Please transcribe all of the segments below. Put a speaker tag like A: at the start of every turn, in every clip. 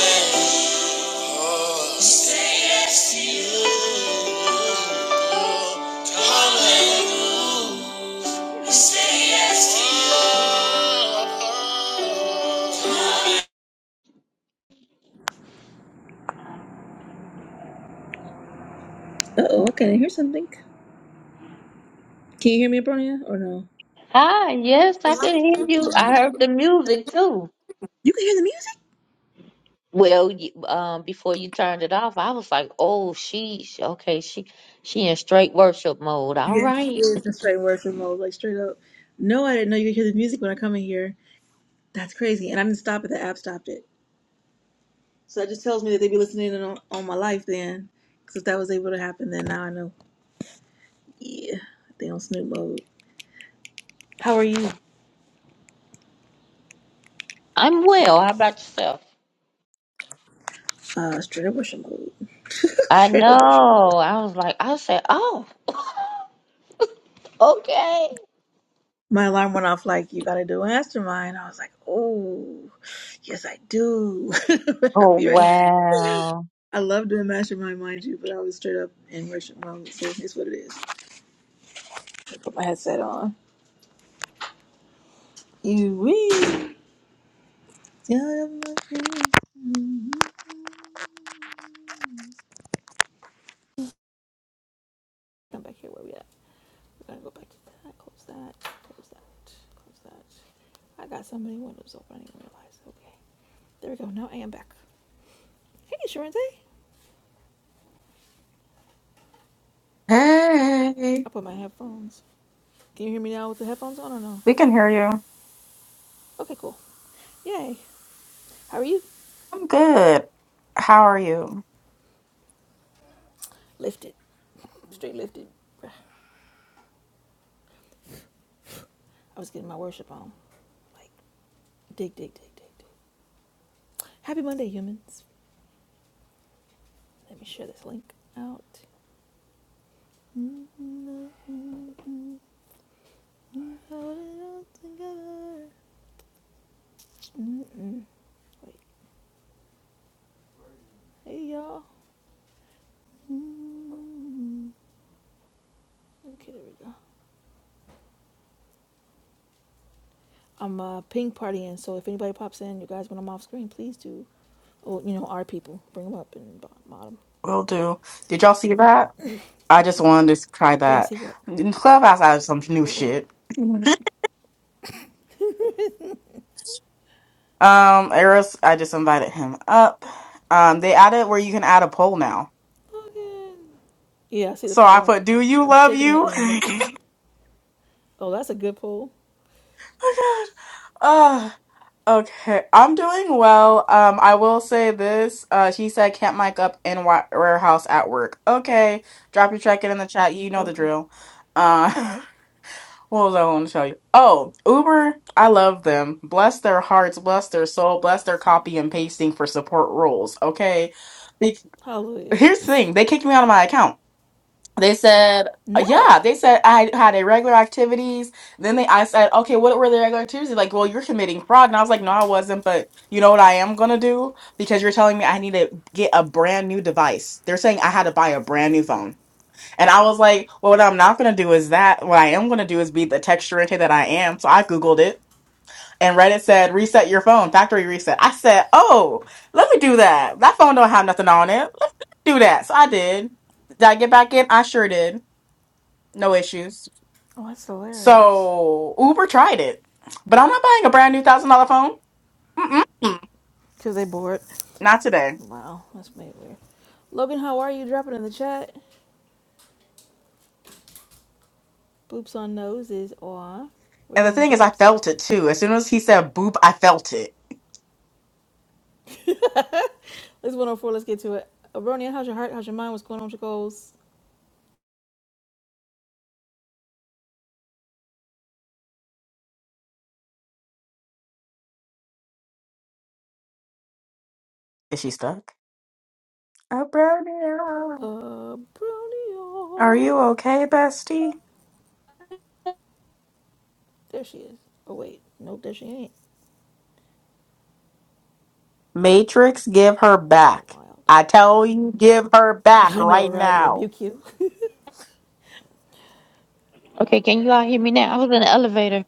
A: We say yes to you. Coming home. We say yes
B: Ah, yes, I could hear
A: to
B: you.
A: you.
B: I heard the music too. Well, y- um, before you turned it off, I was like, "Oh, she she- okay? She she in straight worship mode. All right, I'm well. How about yourself? I know. I was like, I said, oh, okay. Oh wow.
C: Hey, think I'm good. How will do? Did y'all see that? I just wanted to try that. In Clubhouse, I have some new shit. Mhm. Um, Eros, I just invited him up. Um, they added where you can add a poll now. So I put, "Do you love you?" Oh God. Uh, okay. I'm doing well. Um, I will say this. Uh, she said, "Can't mic up in wa- warehouse at work." Okay. Drop your check in in the chat. You know the drill. Uh. What was I going to tell you? Oh, Uber, I love them. Bless their hearts, bless their soul, bless their copy and pasting for support rules. Okay. Be- Here's the thing they kicked me out of my account. They said, yeah, they said I had irregular activities. Then they, I said, okay, what were the regular activities? They're like, well, you're committing fraud. And I was like, no, I wasn't. But you know what I am going to do? Because you're telling me I need to get a brand new device. They're saying I had to buy a brand new phone. And I was like, well, what I'm not going to do is that. What I am going to do is be the texture into that I am. So I Googled it and Reddit said, reset your phone, factory reset. I said, oh, let me do that. That phone don't have nothing on it. Let me do that. So I did. Did I get back in? I sure did. No issues. So Uber tried it, but I'm not buying a brand new thousand dollar phone. Mm-mm. Not today. And the thing is, I felt it too. As soon as he said boop, I felt it. Is she stuck? Oh, brownie. Are you okay, bestie? Matrix, give her back. I tell you, give her back right now.
B: Okay, can you all hear me now? I was in the elevator.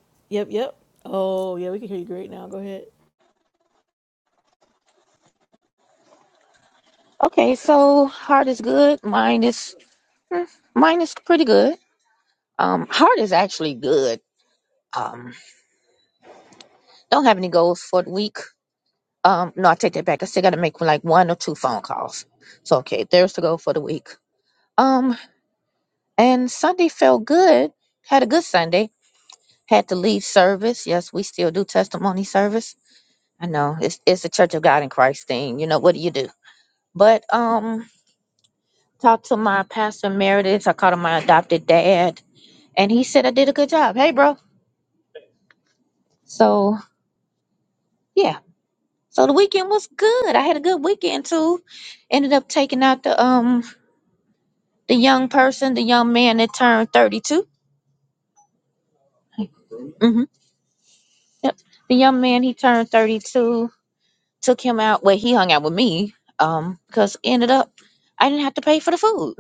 B: Okay, so heart is good. Mind is hmm, mind is pretty good. Um, heart is actually good. Um. Don't have any goals for the week. Um, no, I take that back. I still got to make like one or two phone calls. So okay, there's the goal for the week. Um, and Sunday felt good. Had a good Sunday. Had to leave service. Yes, we still do testimony service. I know it's it's the Church of God in Christ thing. You know what do you do? But um, talked to my pastor Meredith. I called him my adopted dad, and he said I did a good job. Hey, bro. So yeah. So the weekend was good. I had a good weekend too. Ended up taking out the um The young person, the young man that turned 32. hmm Yep. The young man, he turned 32, took him out. Well, he hung out with me um, because ended up, I didn't have to pay for the food.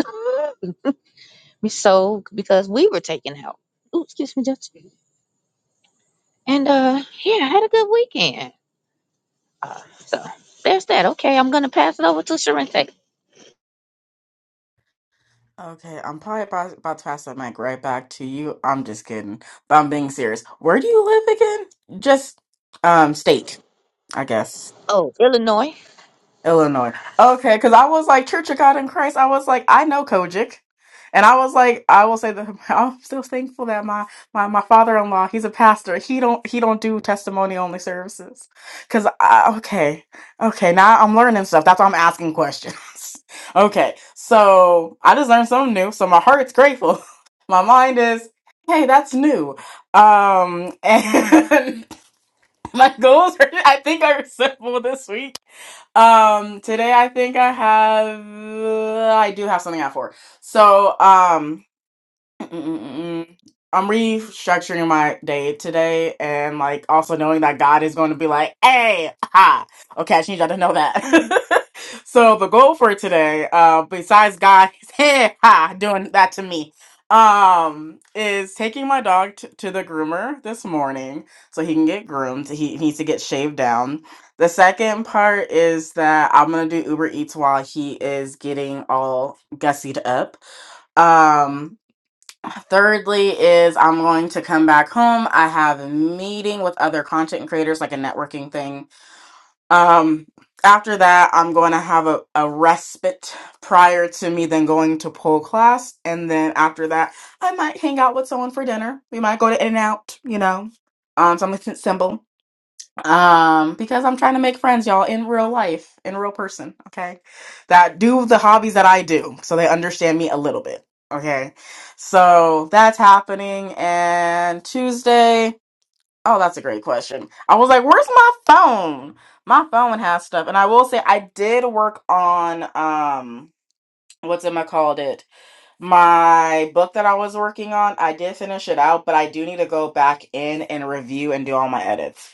B: so, because we were taken out. Ooh, excuse me, Judge. And uh, yeah, I had a good weekend. Uh, so, there's that. Okay, I'm going to pass it over to Sharente.
C: Okay, I'm probably about, about to pass that mic right back to you. I'm just kidding, but I'm being serious. Where do you live again? Just um state, I guess.
B: Oh, Illinois.
C: Illinois. Okay, because I was like Church of God in Christ. I was like, I know Kojic, and I was like, I will say that I'm still thankful that my my my father in law, he's a pastor. He don't he don't do testimony only services. Cause I, okay, okay, now I'm learning stuff. That's why I'm asking questions. okay, so I just learned something new. So my heart's grateful. My mind is, hey, that's new. Um, and my goals. Are, I think are simple this week um, today I think I have I do have something at four. So um Mm-mm-mm-mm. I'm restructuring my day today and like also knowing that God is going to be like, hey, ha. Okay, I just need y'all to know that. so the goal for today, uh, besides God, hey, ha, doing that to me, um, is taking my dog t- to the groomer this morning so he can get groomed. He needs to get shaved down. The second part is that I'm gonna do Uber Eats while he is getting all gussied up. Um, Thirdly, is I'm going to come back home. I have a meeting with other content creators, like a networking thing. Um, after that, I'm going to have a, a respite prior to me then going to pole class. And then after that, I might hang out with someone for dinner. We might go to In and Out, you know, um, something simple um because i'm trying to make friends y'all in real life in real person okay that do the hobbies that i do so they understand me a little bit okay so that's happening and tuesday oh that's a great question i was like where's my phone my phone has stuff and i will say i did work on um what's it called my book that I was working on, I did finish it out, but I do need to go back in and review and do all my edits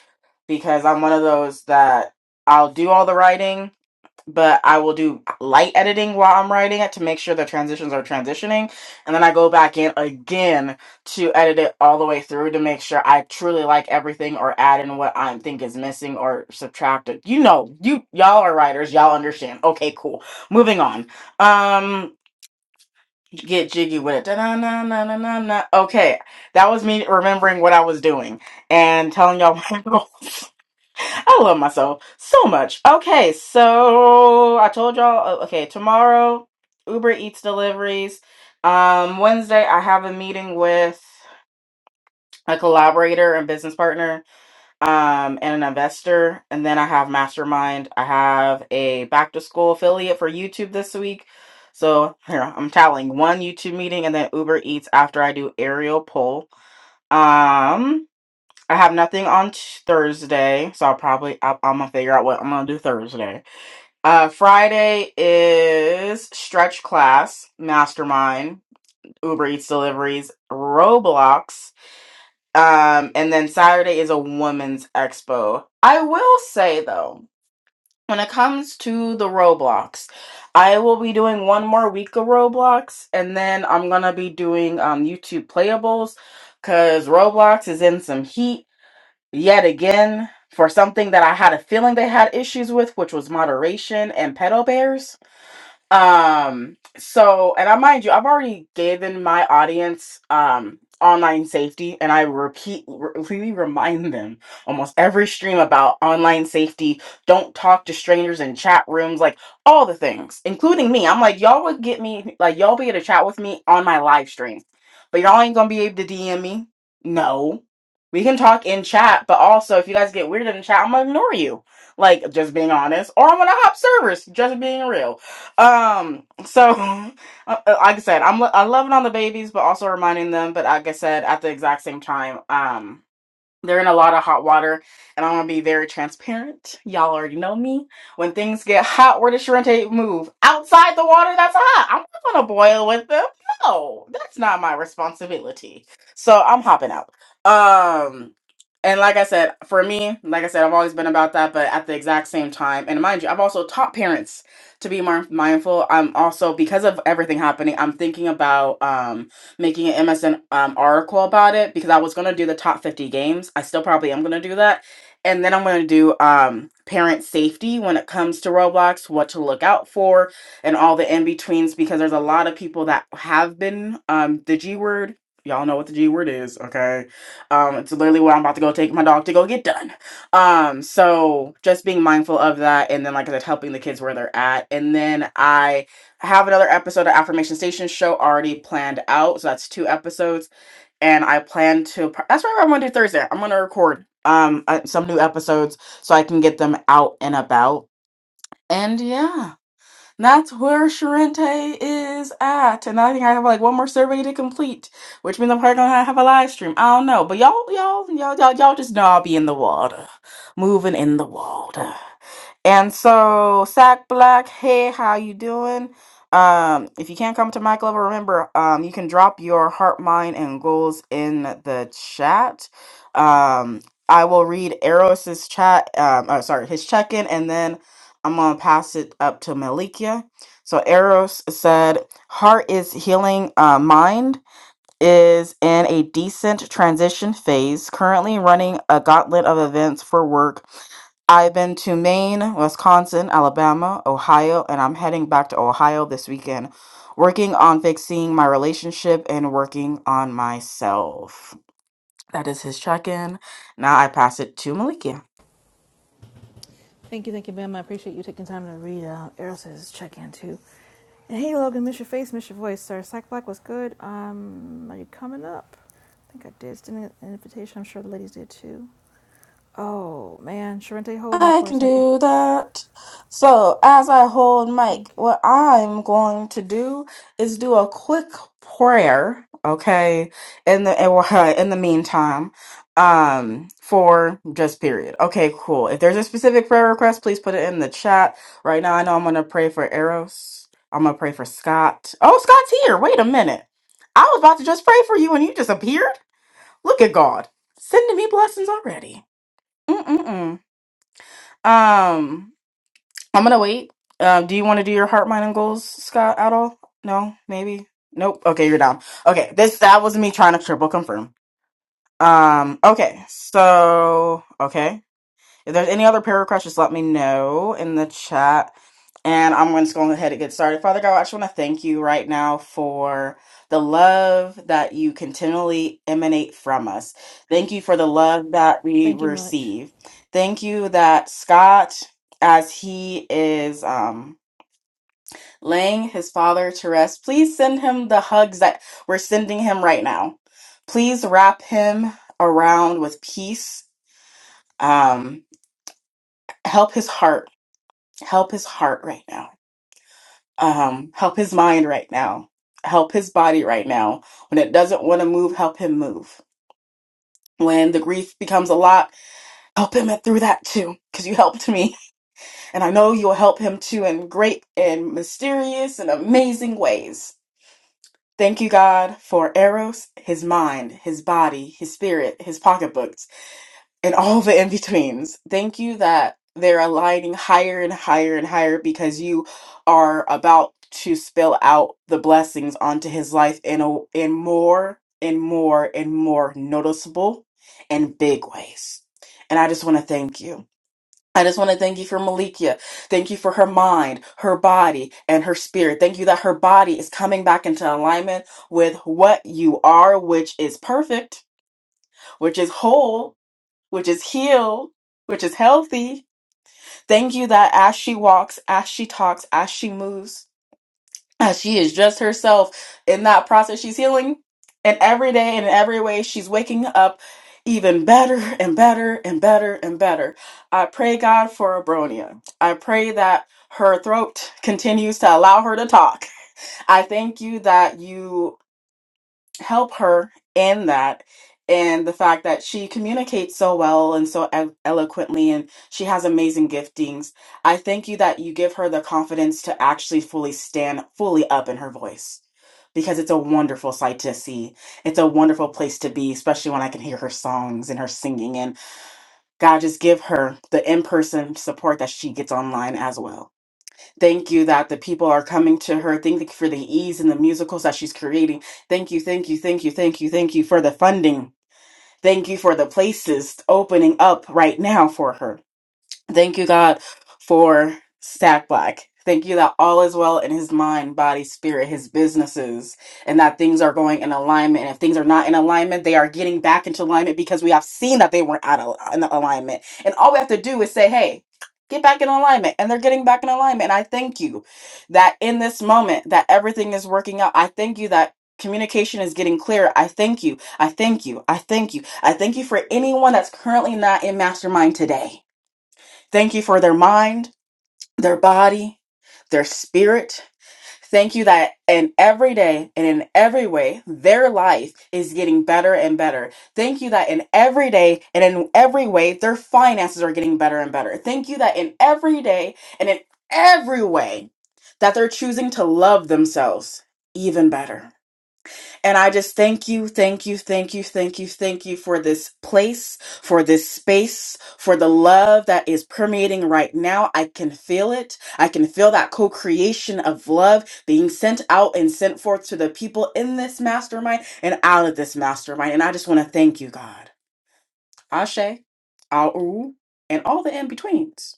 C: because I'm one of those that I'll do all the writing, but I will do light editing while I'm writing it to make sure the transitions are transitioning. And then I go back in again to edit it all the way through to make sure I truly like everything or add in what I think is missing or subtracted. You know, you y'all are writers, y'all understand. Okay, cool. Moving on. Um get jiggy with it. Da-na-na-na-na-na. Okay, that was me remembering what I was doing and telling y'all my goals. I love myself so much. Okay, so I told y'all. oh, Okay, tomorrow Uber Eats deliveries. Um, Wednesday I have a meeting with a collaborator and business partner um, and an investor. And then I have Mastermind. I have a back to school affiliate for YouTube this week. So here I'm tallying one YouTube meeting and then Uber Eats after I do aerial poll. Um, I have nothing on t- Thursday, so I'll probably I- I'm gonna figure out what I'm gonna do Thursday. Uh, Friday is stretch class, mastermind, Uber Eats deliveries, Roblox. Um, and then Saturday is a women's expo. I will say though, when it comes to the Roblox, I will be doing one more week of Roblox, and then I'm gonna be doing um YouTube playables because Roblox is in some heat yet again for something that I had a feeling they had issues with, which was moderation and pedal bears. Um, so and I mind you, I've already given my audience um online safety and I repeat really remind them almost every stream about online safety, don't talk to strangers in chat rooms, like all the things, including me. I'm like, y'all would get me like y'all be able to chat with me on my live stream. But y'all ain't gonna be able to DM me. No. We can talk in chat, but also if you guys get weird in chat, I'm gonna ignore you. Like just being honest. Or I'm gonna hop servers, just being real um, so uh, like I said, I'm lo- I loving on the babies, but also reminding them. But like I said, at the exact same time, um. They're in a lot of hot water, and I'm gonna be very transparent. Y'all already know me. When things get hot, where does Sharente move? Outside the water that's hot. I'm not gonna boil with them. No, that's not my responsibility. So I'm hopping out. Um, and like I said, for me, like I said, I've always been about that, but at the exact same time, and mind you, I've also taught parents to be more mindful. I'm also because of everything happening, I'm thinking about um making an MSN um, article about it because I was gonna do the top 50 games. I still probably am gonna do that, and then I'm gonna do um, parent safety when it comes to Roblox, what to look out for, and all the in betweens because there's a lot of people that have been um, the G word. Y'all know what the G word is, okay? Um, it's literally what I'm about to go take my dog to go get done. Um, so just being mindful of that, and then like I said, helping the kids where they're at, and then I I have another episode of Affirmation Station show already planned out. So that's two episodes. And I plan to, that's right, I'm going to do Thursday. I'm going to record um uh, some new episodes so I can get them out and about. And yeah, that's where Sharente is at. And I think I have like one more survey to complete, which means I'm probably gonna have a live stream. I don't know, but y'all, y'all, y'all, y'all, y'all just know I'll be in the water, moving in the water. And so, Sack Black, hey, how you doing? Um, if you can't come to my level, remember, um, you can drop your heart, mind, and goals in the chat. Um, I will read Eros's chat, um, uh, sorry, his check-in, and then I'm gonna pass it up to Malikia. So Eros said, "Heart is healing, uh, mind is in a decent transition phase, currently running a gauntlet of events for work. I've been to Maine, Wisconsin, Alabama, Ohio, and I'm heading back to Ohio this weekend, working on fixing my relationship and working on myself. That is his check in. Now I pass it to Maliki. I can do that. So, as I hold mic, what I'm going to do is do a quick prayer, okay? In the and, uh, in the meantime, um, for just period. Okay, cool. If there's a specific prayer request, please put it in the chat. Right now, I know I'm gonna pray for Eros. I'm gonna pray for Scott. Oh, Scott's here. Wait a minute. I was about to just pray for you, and you just appeared. Look at God sending me blessings already. Mm mm mm. Um. I'm gonna wait. Um, do you want to do your heart, mind, and goals, Scott, at all? No, maybe. Nope. Okay, you're down. Okay, this that was me trying to triple confirm. Um, okay, so okay. If there's any other prayer requests, just let me know in the chat. And I'm going to go ahead and get started. Father God, I just want to thank you right now for the love that you continually emanate from us. Thank you for the love that we receive. Thank you that Scott, as he is um, laying his father to rest, please send him the hugs that we're sending him right now. Please wrap him around with peace. Um, help his heart help his heart right now um help his mind right now help his body right now when it doesn't want to move help him move when the grief becomes a lot help him through that too because you helped me and i know you'll help him too in great and mysterious and amazing ways thank you god for eros his mind his body his spirit his pocketbook and all the in-betweens. Thank you that they're aligning higher and higher and higher because you are about to spill out the blessings onto his life in a, in more and more and more noticeable and big ways. And I just want to thank you. I just want to thank you for Malikia. Thank you for her mind, her body, and her spirit. Thank you that her body is coming back into alignment with what you are, which is perfect, which is whole, which is healed, which is healthy. Thank you that as she walks, as she talks, as she moves, as she is just herself in that process, she's healing. And every day and in every way, she's waking up even better and better and better and better. I pray, God, for Abronia. I pray that her throat continues to allow her to talk. I thank you that you help her in that and the fact that she communicates so well and so elo- eloquently and she has amazing giftings i thank you that you give her the confidence to actually fully stand fully up in her voice because it's a wonderful sight to see it's a wonderful place to be especially when i can hear her songs and her singing and god just give her the in-person support that she gets online as well Thank you that the people are coming to her. Thank you for the ease in the musicals that she's creating. Thank you, thank you, thank you, thank you, thank you for the funding. Thank you for the places opening up right now for her. Thank you, God, for Stack Black. Thank you that all is well in his mind, body, spirit, his businesses, and that things are going in alignment. And if things are not in alignment, they are getting back into alignment because we have seen that they weren't out of in alignment. And all we have to do is say, hey, get back in alignment. And they're getting back in alignment. And I thank you that in this moment that everything is working out. I thank you that communication is getting clearer. I thank you. I thank you. I thank you. I thank you for anyone that's currently not in mastermind today. Thank you for their mind, their body, their spirit. Thank you that in every day and in every way, their life is getting better and better. Thank you that in every day and in every way, their finances are getting better and better. Thank you that in every day and in every way, that they're choosing to love themselves even better. And I just thank you, thank you, thank you, thank you, thank you for this place, for this space, for the love that is permeating right now. I can feel it. I can feel that co creation of love being sent out and sent forth to the people in this mastermind and out of this mastermind. And I just want to thank you, God. Ashe, Au, and all the in betweens.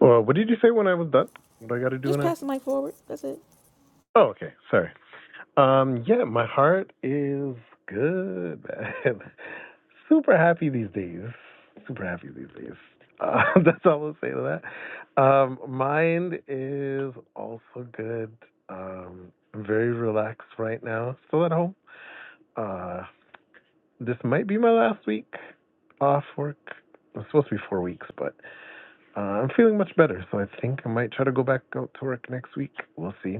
D: Well, what did you say when I was done? What do I got to do when I was done? Oh, okay. Sorry. Um, yeah, my heart is good, man. Super happy these days. Super happy these days. Uh, that's all I'll say to that. Um, mind is also good. Um, I'm very relaxed right now. Still at home. Uh, this might be my last week off work. It's supposed to be four weeks, but uh, I'm feeling much better, so I think I might try to go back out to work next week. We'll see.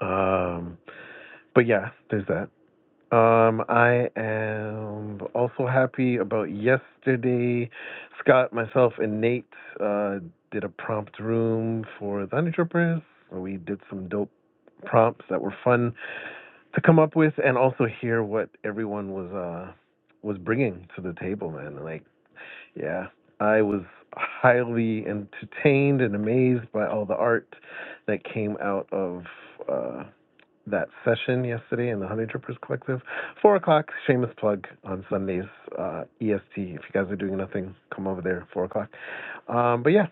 D: Um, but yeah, there's that. Um, I am also happy about yesterday. Scott, myself, and Nate uh, did a prompt room for the Undertroopers. We did some dope prompts that were fun to come up with, and also hear what everyone was uh, was bringing to the table. Man, like, yeah, I was highly entertained and amazed by all the art that came out of. uh that session yesterday in the Honey Drippers Collective. Four o'clock, shameless plug on Sundays, uh, EST. If you guys are doing nothing, come over there, four o'clock. Um, but yeah,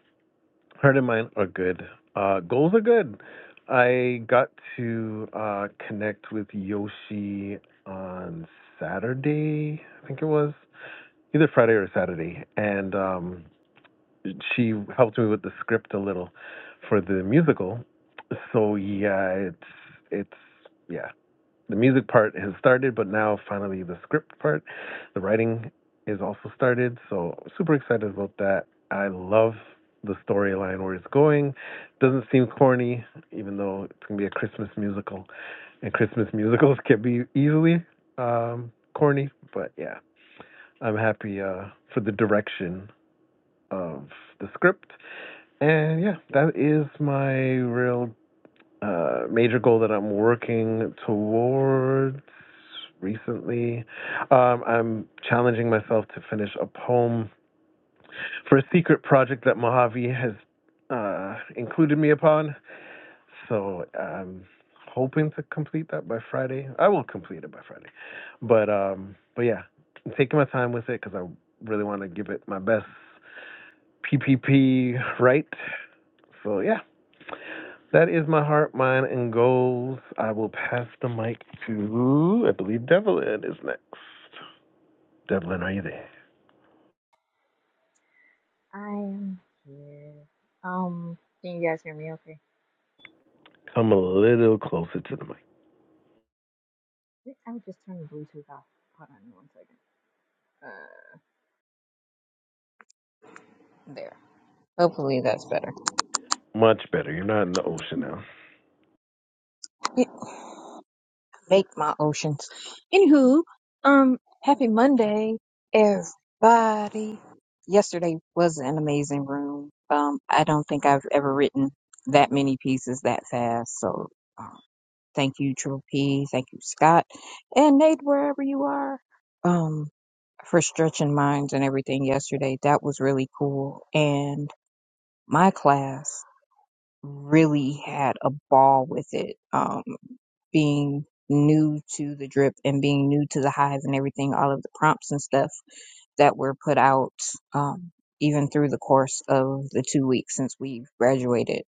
D: heart and mind are good. Uh, goals are good. I got to uh, connect with Yoshi on Saturday, I think it was, either Friday or Saturday, and um, she helped me with the script a little for the musical. So yeah, it's it's yeah. The music part has started, but now finally the script part, the writing is also started. So super excited about that. I love the storyline where it's going. Doesn't seem corny, even though it's gonna be a Christmas musical, and Christmas musicals can be easily um, corny. But yeah, I'm happy uh, for the direction of the script. And yeah, that is my real uh, major goal that I'm working towards recently. Um, I'm challenging myself to finish a poem for a secret project that Mojave has uh, included me upon. So I'm hoping to complete that by Friday. I will complete it by Friday. But um, but yeah, I'm taking my time with it because I really want to give it my best PPP right. So yeah, That is my heart, mind, and goals. I will pass the mic to, I believe Devlin is next. Devlin, are you there?
E: I am here. Um, can you guys hear me okay?
D: Come a
E: I'm just,
D: little closer to the mic.
E: wait, I would just turn the Bluetooth off. Hold on one second. Uh, there. Hopefully that's better.
D: Much better. You're not in the ocean now.
E: Yeah, Make my oceans. Anywho, um, happy Monday, everybody. Yesterday was an amazing room. Um, I don't think I've ever written that many pieces that fast. So, um, thank you, Triple P. Thank you, Scott, and Nate, wherever you are. Um. for stretching minds and everything yesterday. That was really cool. And my class really had a ball with it. Um, being new to the drip and being new to the hive and everything, all of the prompts and stuff that were put out, um, even through the course of the two weeks since we've graduated.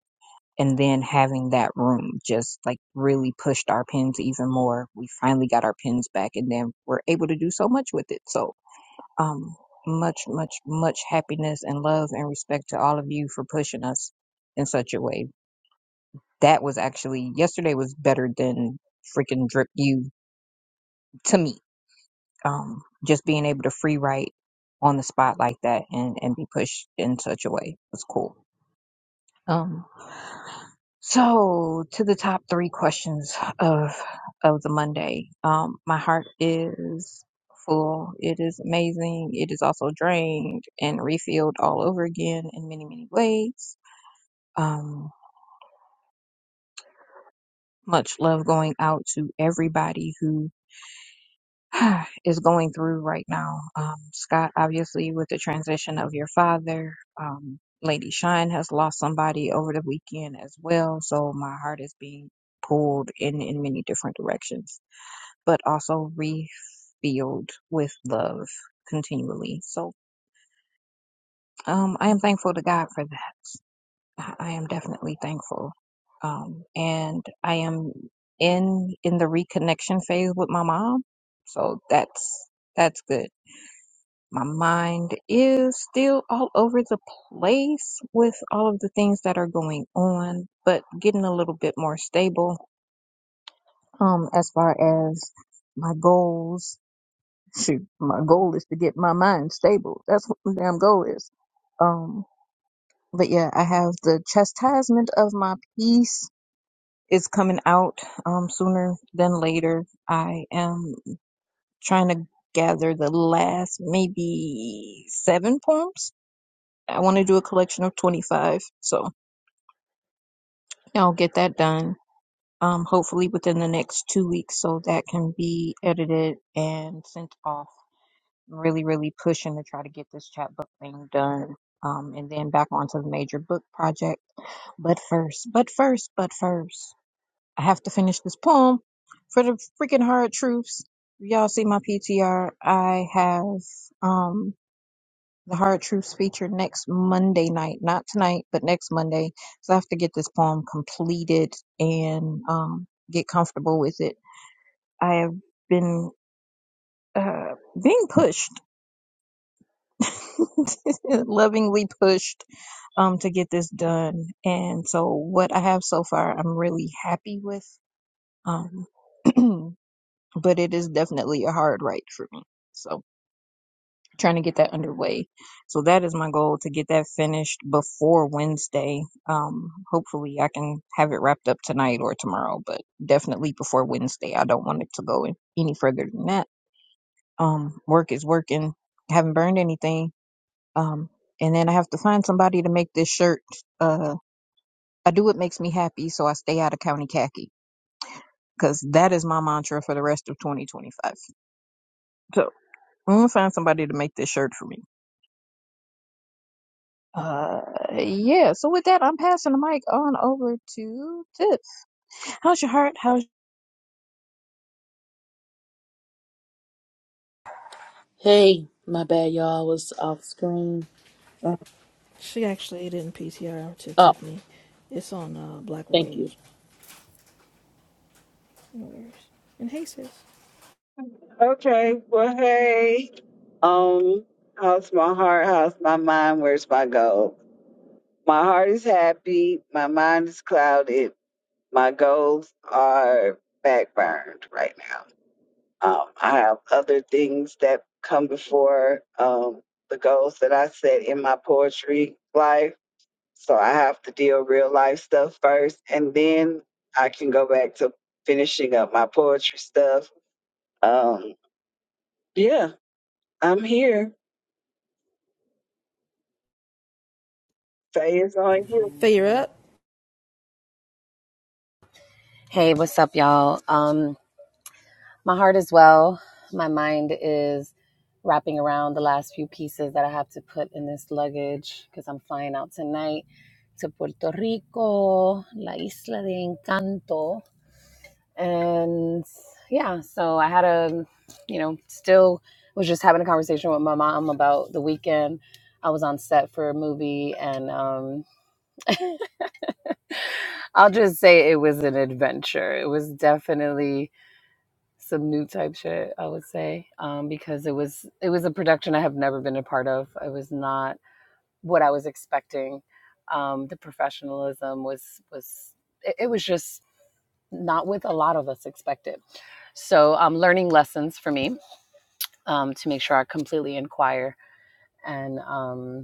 E: And then having that room just like really pushed our pins even more. We finally got our pins back and then we're able to do so much with it. So um, much, much, much happiness and love and respect to all of you for pushing us in such a way. That was actually yesterday was better than freaking drip you to me. Um, just being able to free write on the spot like that and and be pushed in such a way was cool. Um, So to the top three questions of of the Monday. Um, my heart is full. It is amazing. It is also drained and refilled all over again in many, many ways. Um, much love going out to everybody who is going through right now. Um, Scott, obviously, with the transition of your father. Um, Lady Shine has lost somebody over the weekend as well. So my heart is being pulled in in many different directions but also refilled with love continually. So um, I am thankful to God for that. I am definitely thankful, um, and I am in in the reconnection phase with my mom. So that's that's good. My mind is still all over the place with all of the things that are going on, but getting a little bit more stable um, as far as my goals shoot, my goal is to get my mind stable. That's what my damn goal is. Um, but yeah, I have the chastisement of my peace is coming out um sooner than later. I am trying to gather the last maybe seven poems. I want to do a collection of twenty five, so I'll get that done. Um, hopefully within the next two weeks, so that can be edited and sent off really, really pushing to try to get this chapbook thing done. Um, and then back onto the major book project. But first, but first, but first, I have to finish this poem for the freaking hard truths. Y'all see my PTR. I have um the hard truths feature next Monday night, not tonight, but next Monday. So I have to get this poem completed and um get comfortable with it. I have been uh being pushed lovingly pushed um, to get this done. And so, what I have so far, I'm really happy with. Um, but it is definitely a hard write for me. So, trying to get that underway. So, that is my goal to get that finished before Wednesday. Um, hopefully, I can have it wrapped up tonight or tomorrow, but definitely before Wednesday. I don't want it to go any further than that. Um, work is working. Haven't burned anything um, and then I have to find somebody to make this shirt. Uh, I do what makes me happy, so I stay out of county khaki because that is my mantra for the rest of 2025. So I'm gonna find somebody to make this shirt for me. Uh, yeah. So with that, I'm passing the mic on over to Tip. How's your heart? How's
F: Hey, my bad, y'all. I was off screen. Oh, thank you.
G: Okay. Well, hey. Um, how's my heart? How's my mind? Where's my goal? My heart is happy. My mind is clouded. My goals are backburned right now. Um, I have other things that come before um, the goals that I set in my poetry life. So I have to deal real life stuff first, and then I can go back to finishing up my poetry stuff. Um, yeah, I'm here. Faye is on you.
H: Hey, what's up, y'all? Um, my heart is well. My mind is wrapping around the last few pieces that I have to put in this luggage because I'm flying out tonight to Puerto Rico, La Isla de Encanto. And yeah, so I had a, you know, still was just having a conversation with my mom about the weekend. I was on set for a movie, and um, I'll just say it was an adventure. It was definitely some new type shit i would say um, because it was it was a production i have never been a part of it was not what i was expecting um, the professionalism was was it, it was just not what a lot of us expected so um, learning lessons for me um, to make sure i completely inquire and um,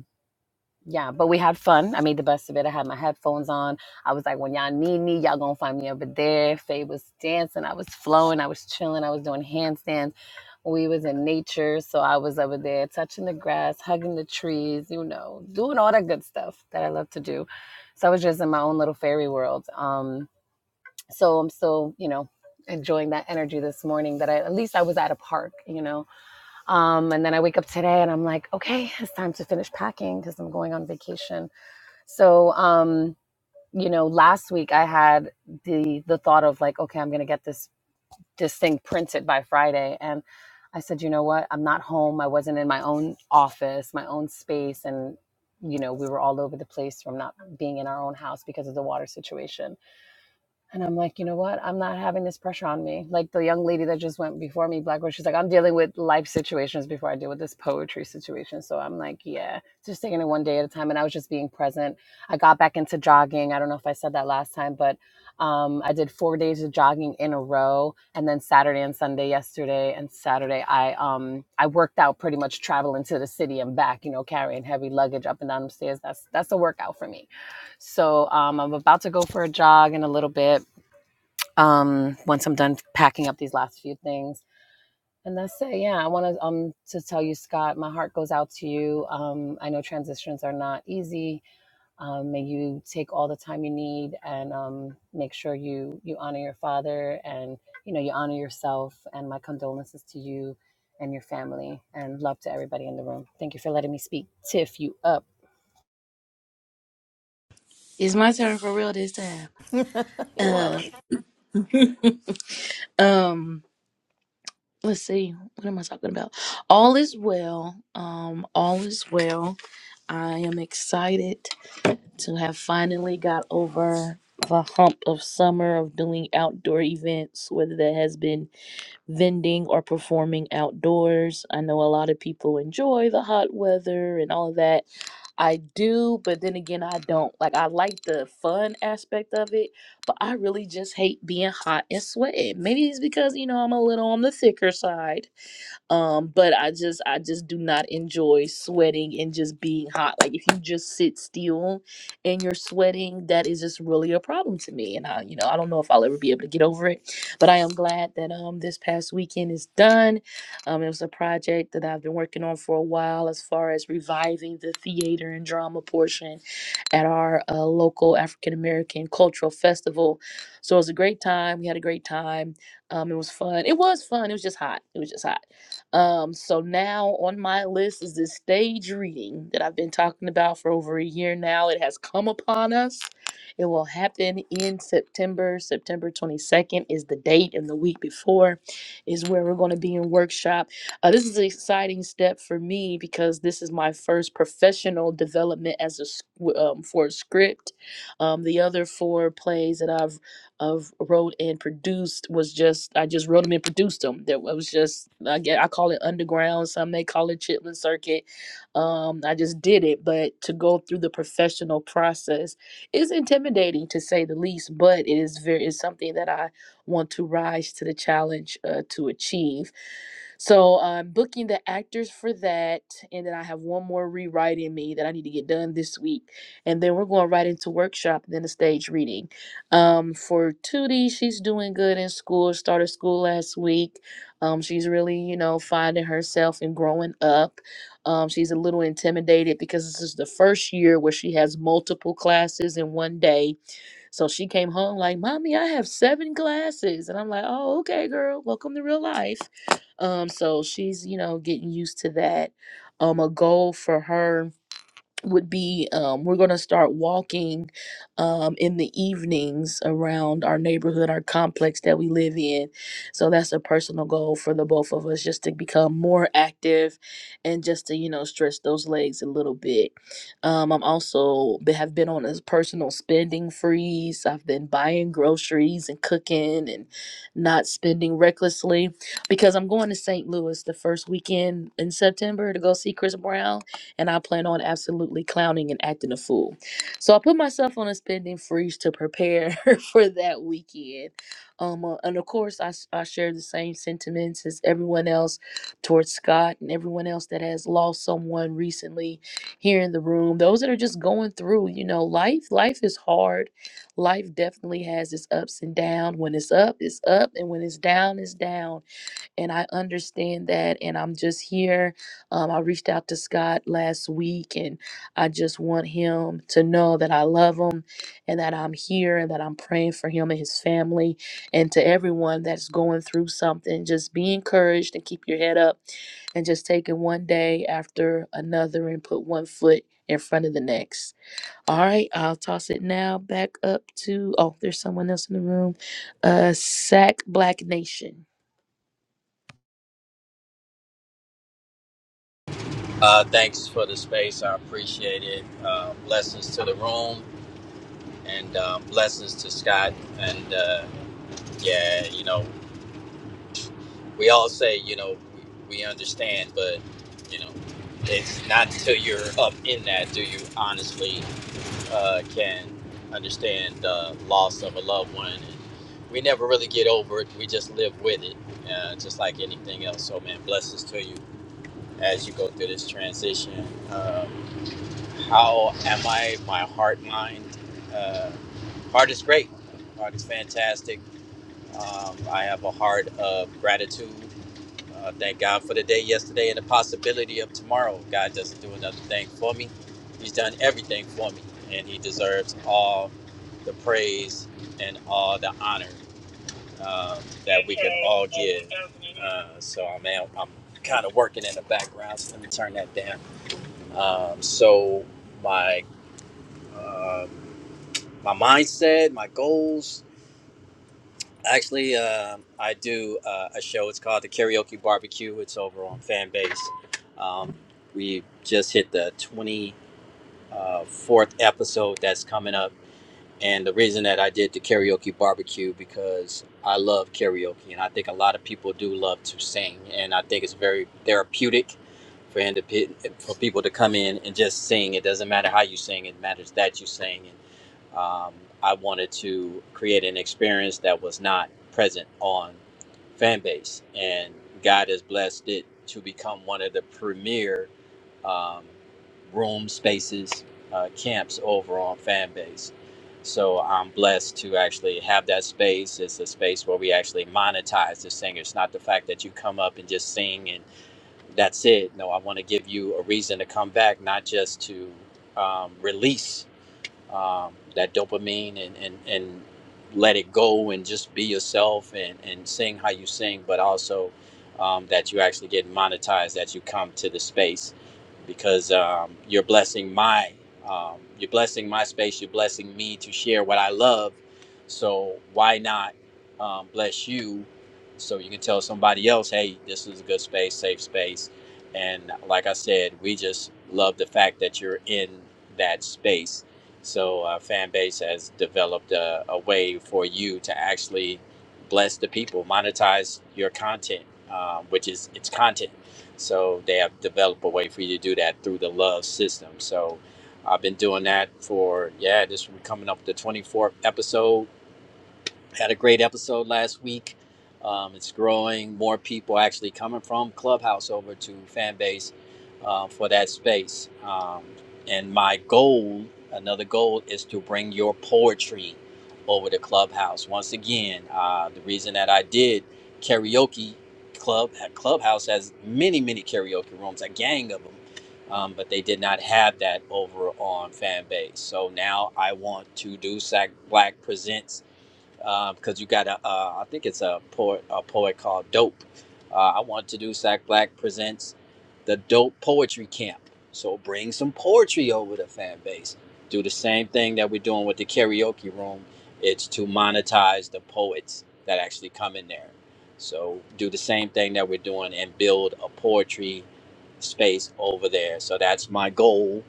H: yeah, but we had fun. I made the best of it. I had my headphones on. I was like, when y'all need me, y'all gonna find me over there. Faye was dancing. I was flowing. I was chilling. I was doing handstands. We was in nature, so I was over there touching the grass, hugging the trees, you know, doing all that good stuff that I love to do. So I was just in my own little fairy world. Um, so I'm still, you know, enjoying that energy this morning that I at least I was at a park, you know. Um, and then I wake up today and I'm like, okay, it's time to finish packing because I'm going on vacation so, um, you know, last week I had the the thought of like, okay, I'm gonna get this this thing printed by Friday, and I said, you know what, I'm not home. I wasn't in my own office, my own space, and you know, we were all over the place from not being in our own house because of the water situation. And I'm like, you know what? I'm not having this pressure on me. Like the young lady that just went before me, Black Rose, she's like, I'm dealing with life situations before I deal with this poetry situation. So I'm like, yeah, just taking it one day at a time. And I was just being present. I got back into jogging. I don't know if I said that last time, but um, I did four days of jogging in a row, and then Saturday and Sunday yesterday. And Saturday, I um, I worked out pretty much traveling to the city and back. You know, carrying heavy luggage up and down the stairs. That's that's a workout for me. So um, I'm about to go for a jog in a little bit um, once I'm done packing up these last few things. And that's it. Yeah, I want to um to tell you, Scott, my heart goes out to you. Um, I know transitions are not easy. Um, may you take all the time you need and um, make sure you you honor your father and you know you honor yourself. And my condolences to you and your family and love to everybody in the room. Thank you for letting me speak. Tiff, you up?
F: It's my turn for real this time. Uh, um, let's see. What am I talking about? All is well. Um, all is well. I am excited to have finally got over the hump of summer of doing outdoor events, whether that has been vending or performing outdoors. I know a lot of people enjoy the hot weather and all of that. I do, but then again, I don't. Like, I like the fun aspect of it, but I really just hate being hot and sweating. Maybe it's because, you know, I'm a little on the thicker side um but i just i just do not enjoy sweating and just being hot like if you just sit still and you're sweating that is just really a problem to me and i you know i don't know if i'll ever be able to get over it but i am glad that um this past weekend is done um it was a project that i've been working on for a while as far as reviving the theater and drama portion at our uh, local african american cultural festival so it was a great time we had a great time um it was fun it was fun it was just hot it was just hot um, so now on my list is this stage reading that I've been talking about for over a year now. It has come upon us. It will happen in September. September 22nd is the date, and the week before is where we're going to be in workshop. Uh, this is an exciting step for me because this is my first professional development as a s- w- um, for a script. Um, the other four plays that I've of wrote and produced was just I just wrote them and produced them. That was just I get I call it underground. Some may call it Chitlin Circuit. Um, I just did it, but to go through the professional process is intimidating to say the least. But it is very is something that I want to rise to the challenge uh, to achieve. So I'm booking the actors for that, and then I have one more rewrite in me that I need to get done this week, and then we're going right into workshop, and then a stage reading. Um, for Tootie, she's doing good in school. Started school last week. Um, she's really, you know, finding herself and growing up. Um, she's a little intimidated because this is the first year where she has multiple classes in one day. So she came home like, "Mommy, I have seven classes," and I'm like, "Oh, okay, girl. Welcome to real life." Um, so she's, you know, getting used to that. Um, a goal for her would be um, we're going to start walking um, in the evenings around our neighborhood, our complex that we live in. So that's a personal goal for the both of us, just to become more active and just to you know stretch those legs a little bit. Um, I'm also be- have been on a personal spending freeze. I've been buying groceries and cooking and not spending recklessly because I'm going to St. Louis the first weekend in September to go see Chris Brown and I plan on absolutely clowning and acting a fool. So I put myself on a spending freeze to prepare for that weekend. Um, uh, and of course, I, s- I share the same sentiments as everyone else towards Scott and everyone else that has lost someone recently here in the room. Those that are just going through, you know, life. Life is hard. Life definitely has its ups and downs. When it's up, it's up, and when it's down, it's down and I understand that. And I'm just here. Um, I reached out to Scott last week, and I just want him to know that I love him and that I'm here and that I'm praying for him and his family. And to everyone that's going through something, just be encouraged and keep your head up and just take it one day after another and put one foot in front of the next. All right, I'll toss it now back up to oh, there's someone else in the room. Uh Sack Black Nation.
I: Uh, thanks for the space. I appreciate it. Uh, blessings to the room and uh, blessings to Scott. And uh, yeah, you know, we all say, you know, we, we understand, but, you know, it's not until you're up in that do you honestly uh, can understand the loss of a loved one. And we never really get over it, we just live with it, uh, just like anything else. So, man, blessings to you as you go through this transition. Um, How am I? My heart, mind. Uh, heart is great. Heart is fantastic. Um, I have a heart of gratitude. Uh, thank God for the day yesterday and the possibility of tomorrow. God doesn't do another thing for me. He's done everything for me, and He deserves all the praise and all the honor um, that we can all give. Uh, so I'm I'm kind of working in the background, so let me turn that down. Um, so my. uh, my mindset, my goals. Actually, um I do uh, a show. It's called the Karaoke Barbecue. It's over on Fanbase. Um, we just hit the 24th episode that's coming up. And the reason that I did the karaoke barbecue because I love karaoke, and I think a lot of people do love to sing, and I think it's very therapeutic for indi- for people to come in and just sing. It doesn't matter how you sing; it matters that you sing um, I wanted to create an experience that was not present on fanbase, and God has blessed it to become one of the premier um, room spaces, uh, camps over on fanbase. So I'm blessed to actually have that space. It's a space where we actually monetize the singer. It's not the fact that you come up and just sing and that's it. No, I want to give you a reason to come back, not just to um, release um, that dopamine and, and, and let it go and just be yourself and, and sing how you sing, but also um, that you actually get monetized, that you come to the space because um, you're blessing my um, you're blessing my space you're blessing me to share what i love so why not um, bless you so you can tell somebody else hey this is a good space safe space and like i said we just love the fact that you're in that space so our fan base has developed a, a way for you to actually bless the people monetize your content uh, which is it's content so they have developed a way for you to do that through the love system. So I've been doing that for yeah, this will be coming up the 24th episode had a great episode last week. Um, it's growing. More people actually coming from Clubhouse over to Fanbase uh, for that space. Um, and my goal, another goal, is to bring your poetry over to Clubhouse. Once again, uh, the reason that I did karaoke club at Clubhouse has many, many karaoke rooms, a gang of them. Um, but they did not have that over on Fanbase. So now I want to do Sac Black Presents because uh, you got a, uh, I think it's a poet, a poet called Dope. Uh, I want to do Sack Black presents the Dope Poetry Camp. So bring some poetry over to fan base. Do the same thing that we're doing with the karaoke room. It's to monetize the poets that actually come in there. So do the same thing that we're doing and build a poetry space over there. So that's my goal.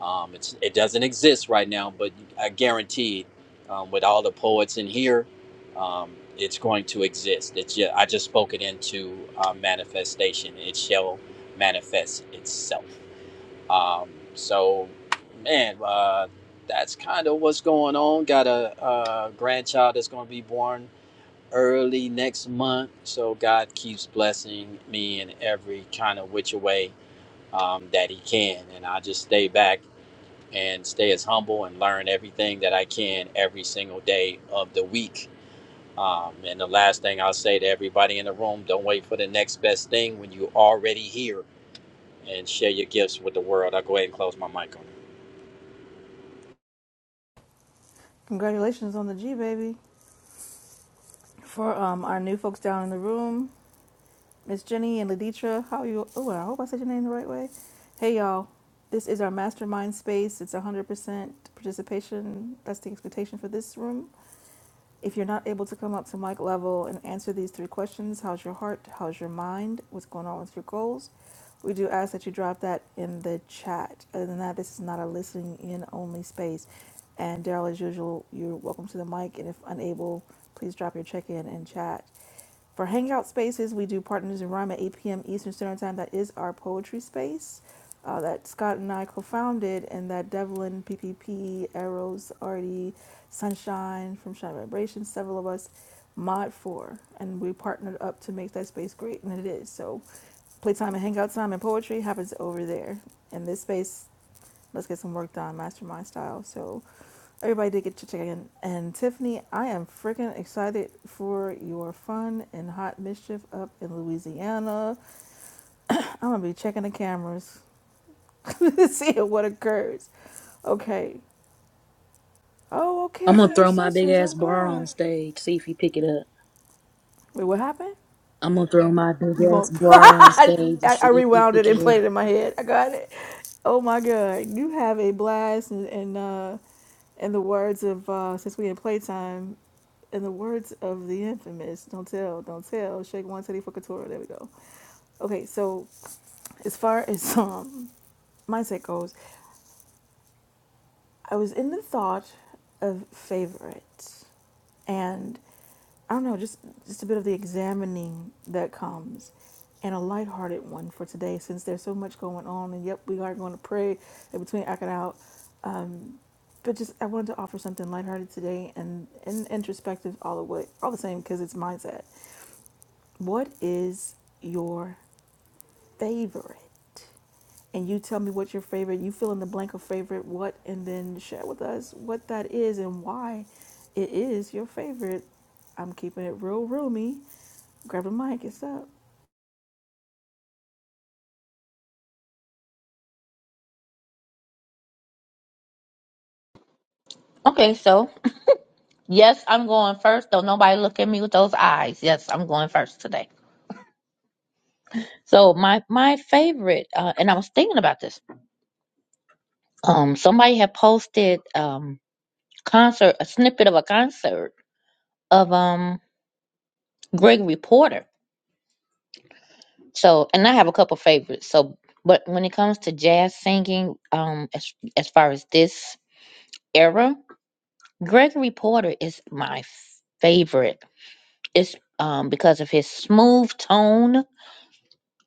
I: Um, it's, it doesn't exist right now, but I guarantee um, with all the poets in here, um, it's going to exist. It's just, I just spoke it into uh, manifestation. It shall manifest itself. Um, so, man, uh, that's kind of what's going on. Got a, uh grandchild that's going to be born early next month. So God keeps blessing me in every kind of which way um, that He can, and I just stay back and stay as humble and learn everything that I can every single day of the week. Um, and the last thing I'll say to everybody in the room don't wait for the next best thing when you're already here and share your gifts with the world. I'll go ahead and close my mic on it.
F: I'm gonna throw my big ass bra on stage, see if he pick it up. I'm gonna throw my big ass bra on stage and see if he pick it up.
B: Okay, so yes, I'm going first, though nobody look at me with those eyes. Yes, I'm going first today. So my my favorite, uh, and I was thinking about this. Um, somebody had posted um concert a snippet of a concert of um Gregory Porter. So, and I have a couple favorites. So, but when it comes to jazz singing, um, as as far as this era, Gregory Porter is my favorite. It's um because of his smooth tone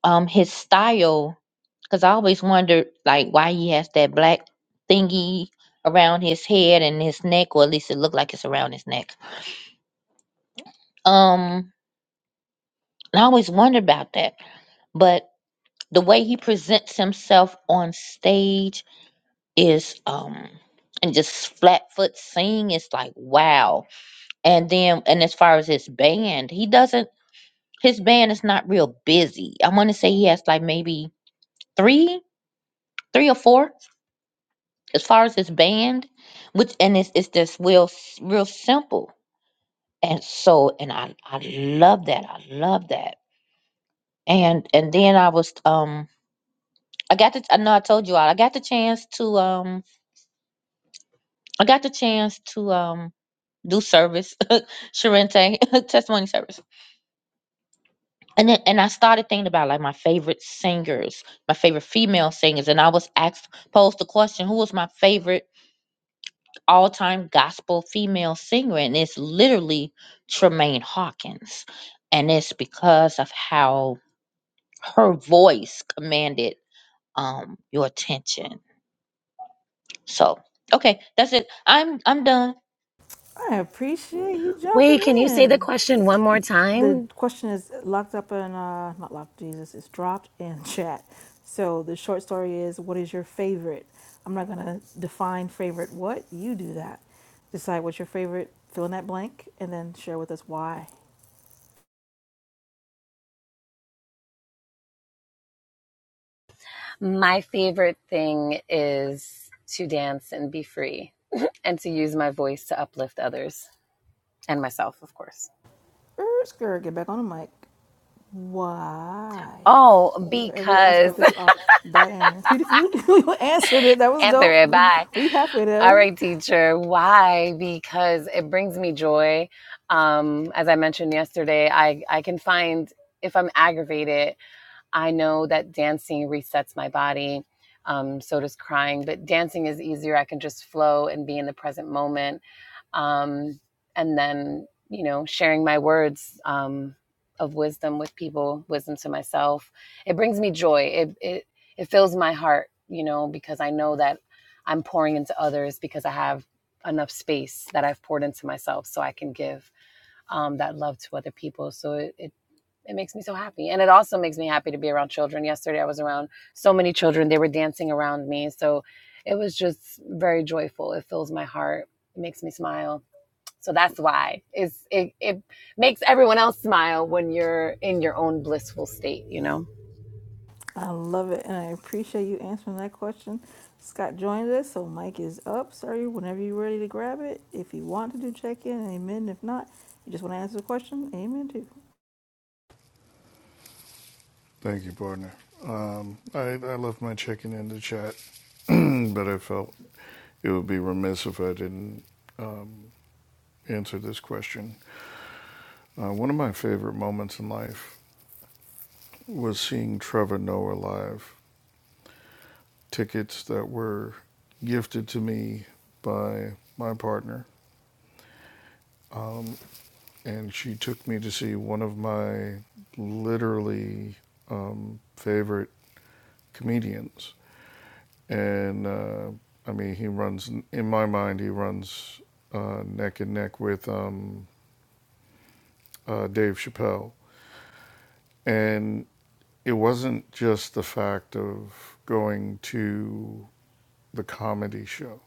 B: um his style because i always wondered like why he has that black thingy around his head and his neck or at least it looked like it's around his neck um and i always wondered about that but the way he presents himself on stage is um and just flat foot sing is like wow and then and as far as his band he doesn't his band is not real busy i want to say he has like maybe three three or four as far as this band, which and it's it's just real s- real simple. And so and I I love that. I love that. And and then I was um I got the I know I told you all I got the chance to um I got the chance to um do service Sharente testimony service. And then and I started thinking about like my favorite singers, my favorite female singers, and I was asked posed the question, who was my favorite all time gospel female singer, and it's literally Tremaine Hawkins. And it's because of how her voice commanded um your attention. So okay, that's it. I'm I'm done.
H: Wait, can you say the question one more time? My favorite thing is to dance and be free and to use my voice to uplift others and myself, of course. Oh, because answer it bye. All right, teacher. Why? Because it brings me joy. Um, as I mentioned yesterday, I, I can find if I'm aggravated, I know that dancing resets my body. Um, so does crying, but dancing is easier. I can just flow and be in the present moment um, and then you know sharing my words um, of wisdom with people wisdom to myself it brings me joy it, it it fills my heart you know because i know that i'm pouring into others because i have enough space that i've poured into myself so i can give um, that love to other people so it, it it makes me so happy and it also makes me happy to be around children yesterday i was around so many children they were dancing around me so it was just very joyful it fills my heart it makes me smile so that's why it's, it, it makes everyone else smile when you're in your own blissful state, you know?
J: Thank you, partner. Um, I, I left my chicken in the chat, but I felt it would be remiss if I didn't answer this question. Uh, one of my favorite moments in life was seeing Trevor Noah live. Tickets that were gifted to me by my partner, and she took me to see one of my literally favorite comedians and uh, I mean he runs in my mind he runs uh, neck and neck with um, uh, Dave Chappelle, and it wasn't just the fact of going to the comedy show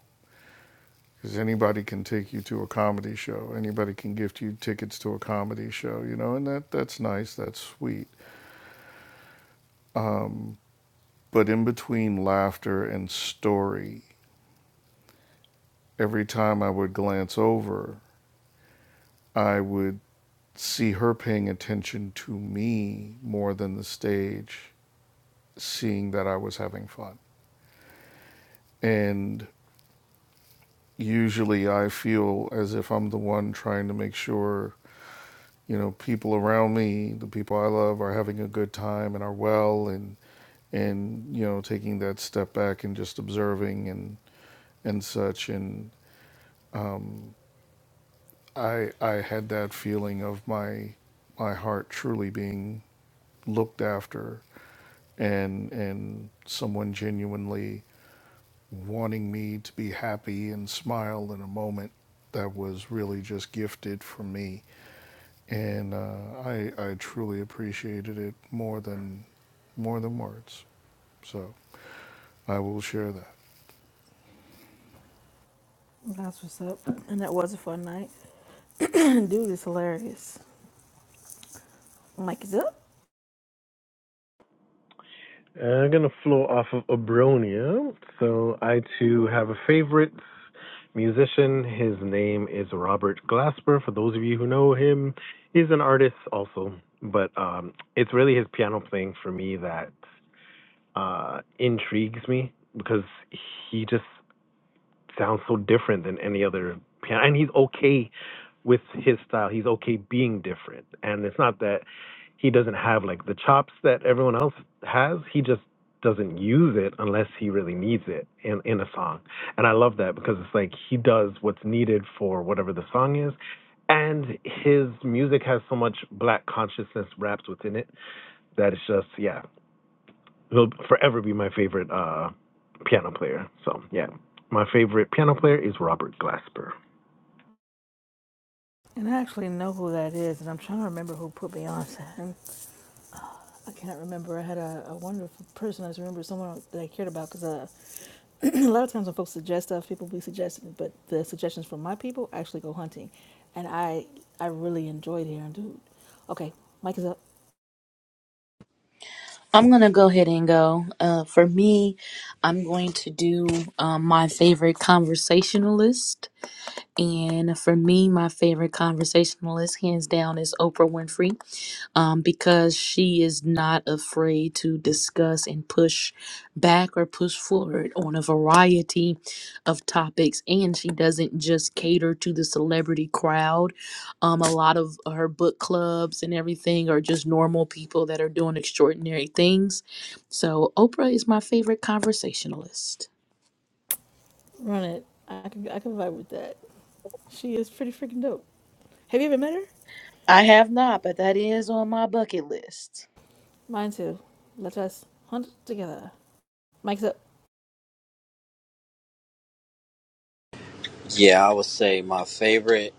J: because anybody can take you to a comedy show, anybody can gift you tickets to a comedy show, you know, and that that's nice, that's sweet. But in between laughter and story, every time I would glance over, I would see her paying attention to me more than the stage, seeing that I was having fun. And usually I feel as if I'm the one trying to make sure, you know, people around me, the people I love, are having a good time and are well and and you know taking that step back and just observing and and such and um, I I had that feeling of my my heart truly being looked after and and someone genuinely wanting me to be happy and smile in a moment that was really just gifted from me. And uh, I, I truly appreciated it more than more than words. So I will share that.
D: And I'm going to flow off of Abronia. So I too have a favorite musician. His name is Robert Glasper. For those of you who know him, he's an artist also. But um, it's really his piano playing for me that uh, intrigues me because he just sounds so different than any other piano, and he's okay with his style. He's okay being different, and it's not that he doesn't have like the chops that everyone else has. He just doesn't use it unless he really needs it in in a song. And I love that because it's like he does what's needed for whatever the song is. And his music has so much black consciousness wrapped within it that it's just yeah he'll forever be my favorite uh, piano player. So yeah, my favorite piano player is Robert Glasper.
F: I'm gonna go ahead and go. Uh, for me, I'm going to do um, my favorite conversationalist, and for me, my favorite conversationalist, hands down, is Oprah Winfrey. um, because she is not afraid to discuss and push back or push forward on a variety of topics. And she doesn't just cater to the celebrity crowd. Um, a lot of her book clubs and everything are just normal people that are doing extraordinary things. So, Oprah is my favorite conversationalist. I have not, but that is on my bucket list.
I: Yeah, I would say my favorite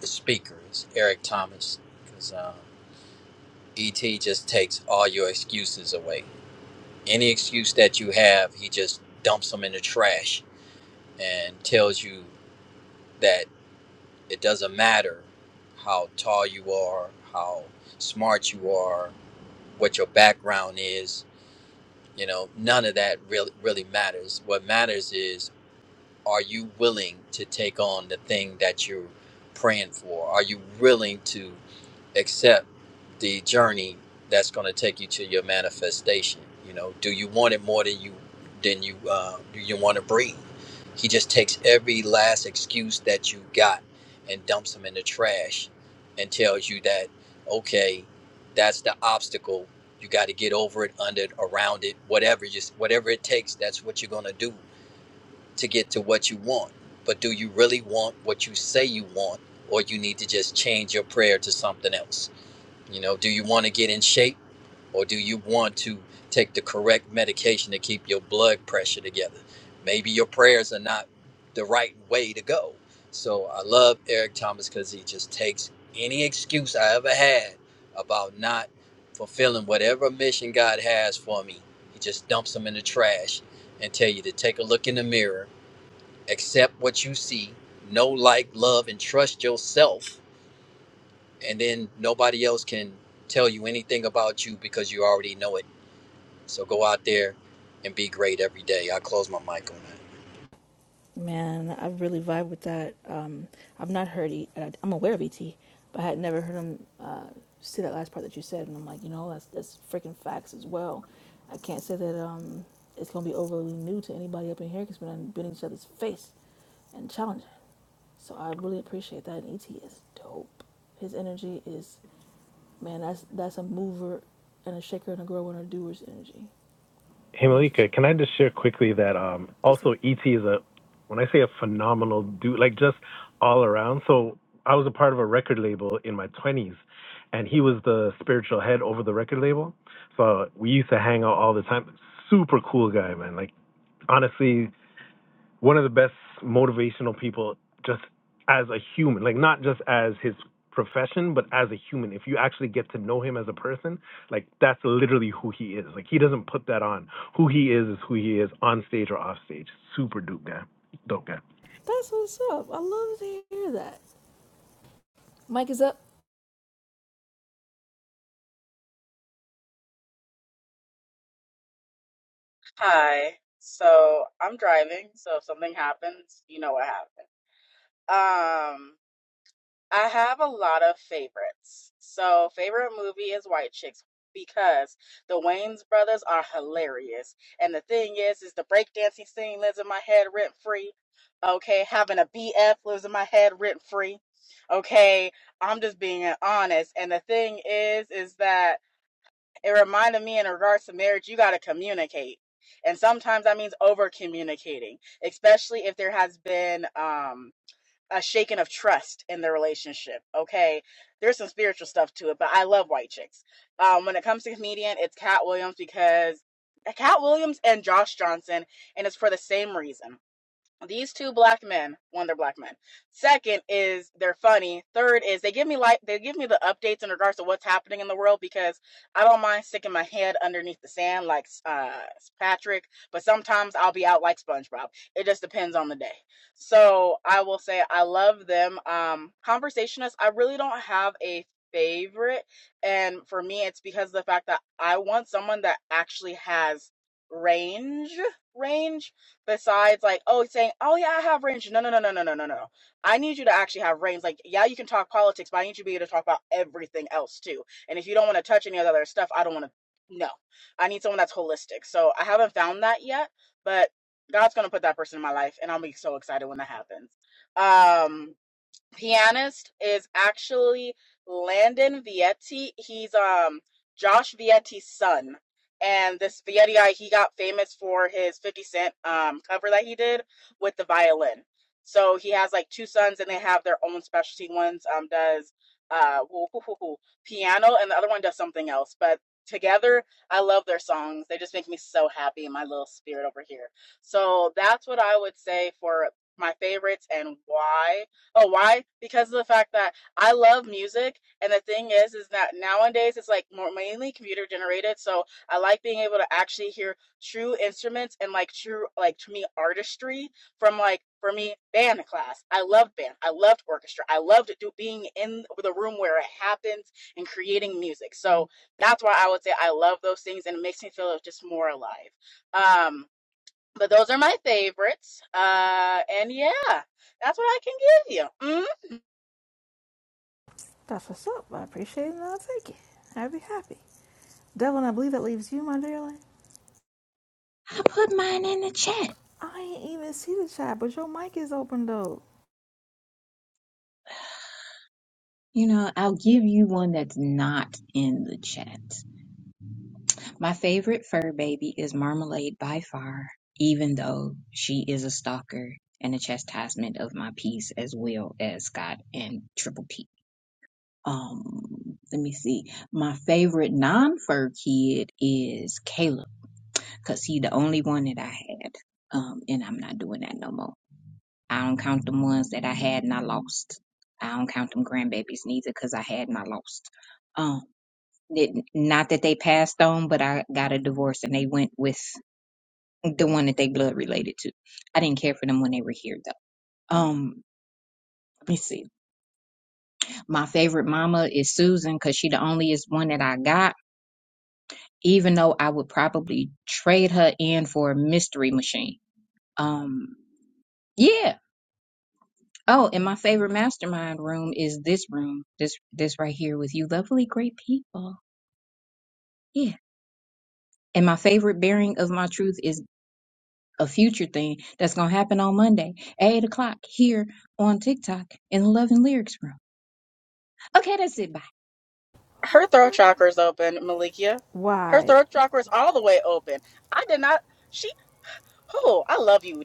I: speaker is Eric Thomas because uh, ET just takes all your excuses away. Any excuse that you have, he just dumps them in the trash and tells you that It doesn't matter how tall you are, how smart you are, what your background is. You know, none of that really really matters. What matters is are you willing to take on the thing that you're praying for? Are you willing to accept the journey that's going to take you to your manifestation. You know, do you want it more than you than you uh, do you want to breathe? He just takes every last excuse that you got and dumps them in the trash and tells you that okay, that's the obstacle. You got to get over it, under it, around it, whatever just whatever it takes. That's what you're going to do to get to what you want. But do you really want what you say you want, or you need to just change your prayer to something else? You know, do you want to get in shape or do you want to take the correct medication to keep your blood pressure together? Maybe your prayers are not the right way to go. So I love Eric Thomas because he just takes any excuse I ever had about not fulfilling whatever mission God has for me. He just dumps them in the trash and tell you to take a look in the mirror, accept what you see, know, like, love, and trust yourself and then nobody else can tell you anything about you because you already know it. So go out there and be great every day. I close my mic on that.
D: Hey Malika, can I just share quickly that um, also ET is a when I say a phenomenal dude, like just all around. So I was a part of a record label in my twenties, and he was the spiritual head over the record label. So we used to hang out all the time. Super cool guy, man. Like honestly, one of the best motivational people just as a human like not just as his profession but as a human if you actually get to know him as a person like that's literally who he is like he doesn't put that on who he is is who he is on stage or off stage super dope guy dope guy
C: Hi. So I'm driving, so if something happens, you know what happened. I have a lot of favorites. So, favorite movie is White Chicks because the Wayans brothers are hilarious. And the thing is, is the breakdancing scene lives in my head rent free. Okay, having a BF lives in my head rent free. Okay, I'm just being honest. And the thing is, is that it reminded me in regards to marriage, you got to communicate. And sometimes that means over communicating, especially if there has been, um, a shaking of trust in the relationship. Okay, there's some spiritual stuff to it, but I love White Chicks. Um, when it comes to comedian, it's Cat Williams because Cat Williams and Josh Johnson, and it's for the same reason. These two black men, one, they're black men. Second is they're funny. Third is they give me like they give me the updates in regards to what's happening in the world because I don't mind sticking my head underneath the sand like uh Patrick, but sometimes I'll be out like SpongeBob. It just depends on the day. So I will say I love them. Um, conversationists, I really don't have a favorite, and for me, it's because of the fact that I want someone that actually has range range besides like oh saying oh yeah i have range no no no no no no no no i need you to actually have range like yeah you can talk politics but i need you to be able to talk about everything else too and if you don't want to touch any of the other stuff i don't want to no i need someone that's holistic so i haven't found that yet but god's going to put that person in my life and i'll be so excited when that happens Um pianist is actually Landon Vietti. He's um Josh Vietti's son. And this Vietti guy, he got famous for his 50 Cent um cover that he did with the violin. So he has like two sons and they have their own specialty. One's um does uh woo- hoo- hoo- hoo, piano and the other one does something else. But together, I love their songs. They just make me so happy in my little spirit over here. So that's what I would say for my favorites and why. Oh, why? Because of the fact that I love music, and the thing is, is that nowadays it's like more mainly computer generated. So I like being able to actually hear true instruments and like true, like to me, artistry from like for me band class. I loved band. I loved orchestra. I loved do, being in the room where it happens and creating music. So that's why I would say I love those things, and it makes me feel just more alive. Um, but those are my favorites. Uh, and yeah, that's what I can give you. Mm.
E: I put mine in the chat. You know, one that's not in the chat. My fa- baby is her, even though she is a stalker and a cheese as well as Scott and Triple P. um let me see my favorite non-fur kid is caleb because he the only one that i had um and i'm not doing that no more i don't count them ones that i had and i lost i don't count them grandbabies neither because i had and i lost um it, not that they passed on but i got a divorce and they went with the one that they blood related to i didn't care for them when they were here though um let me see my favorite mama is susan because she the only is one that i got even though I would probably trade her in for a mystery machine. Um, yeah. Oh, and my favorite mastermind room is this room, this this right here with you, lovely, great people. Yeah. And my favorite bearing of my truth is a future thing that's gonna happen on Monday at eight o'clock here on TikTok in the Love and Lyrics room. Okay, that's it. Bye.
C: her throat chakra is open, Malikia. Her throat chakra is all the way open. I did not. She. Oh, I love you.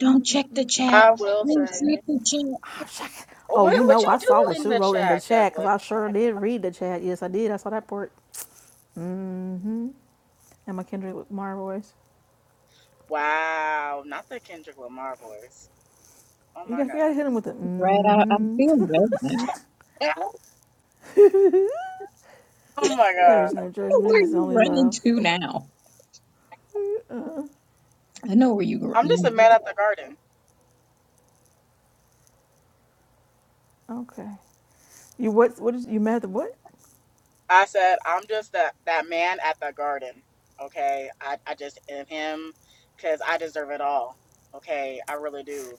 E: Don't check the chat.
C: I will
E: Don't
C: say.
E: check the chat.
C: What would you do in the chat, Devlin? Wow, not the Kendrick Lamar voice. Oh my god.
E: Right, I, I feel bad.
C: Oh my god.
E: Where are you running to now? I know where you go.
C: I'm just a
E: You
C: man at the garden. I said I'm just that that man at the garden. Okay. I I just am him because I deserve it all. Okay. I really do.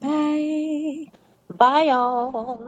E: Bye.
B: Bye y'all.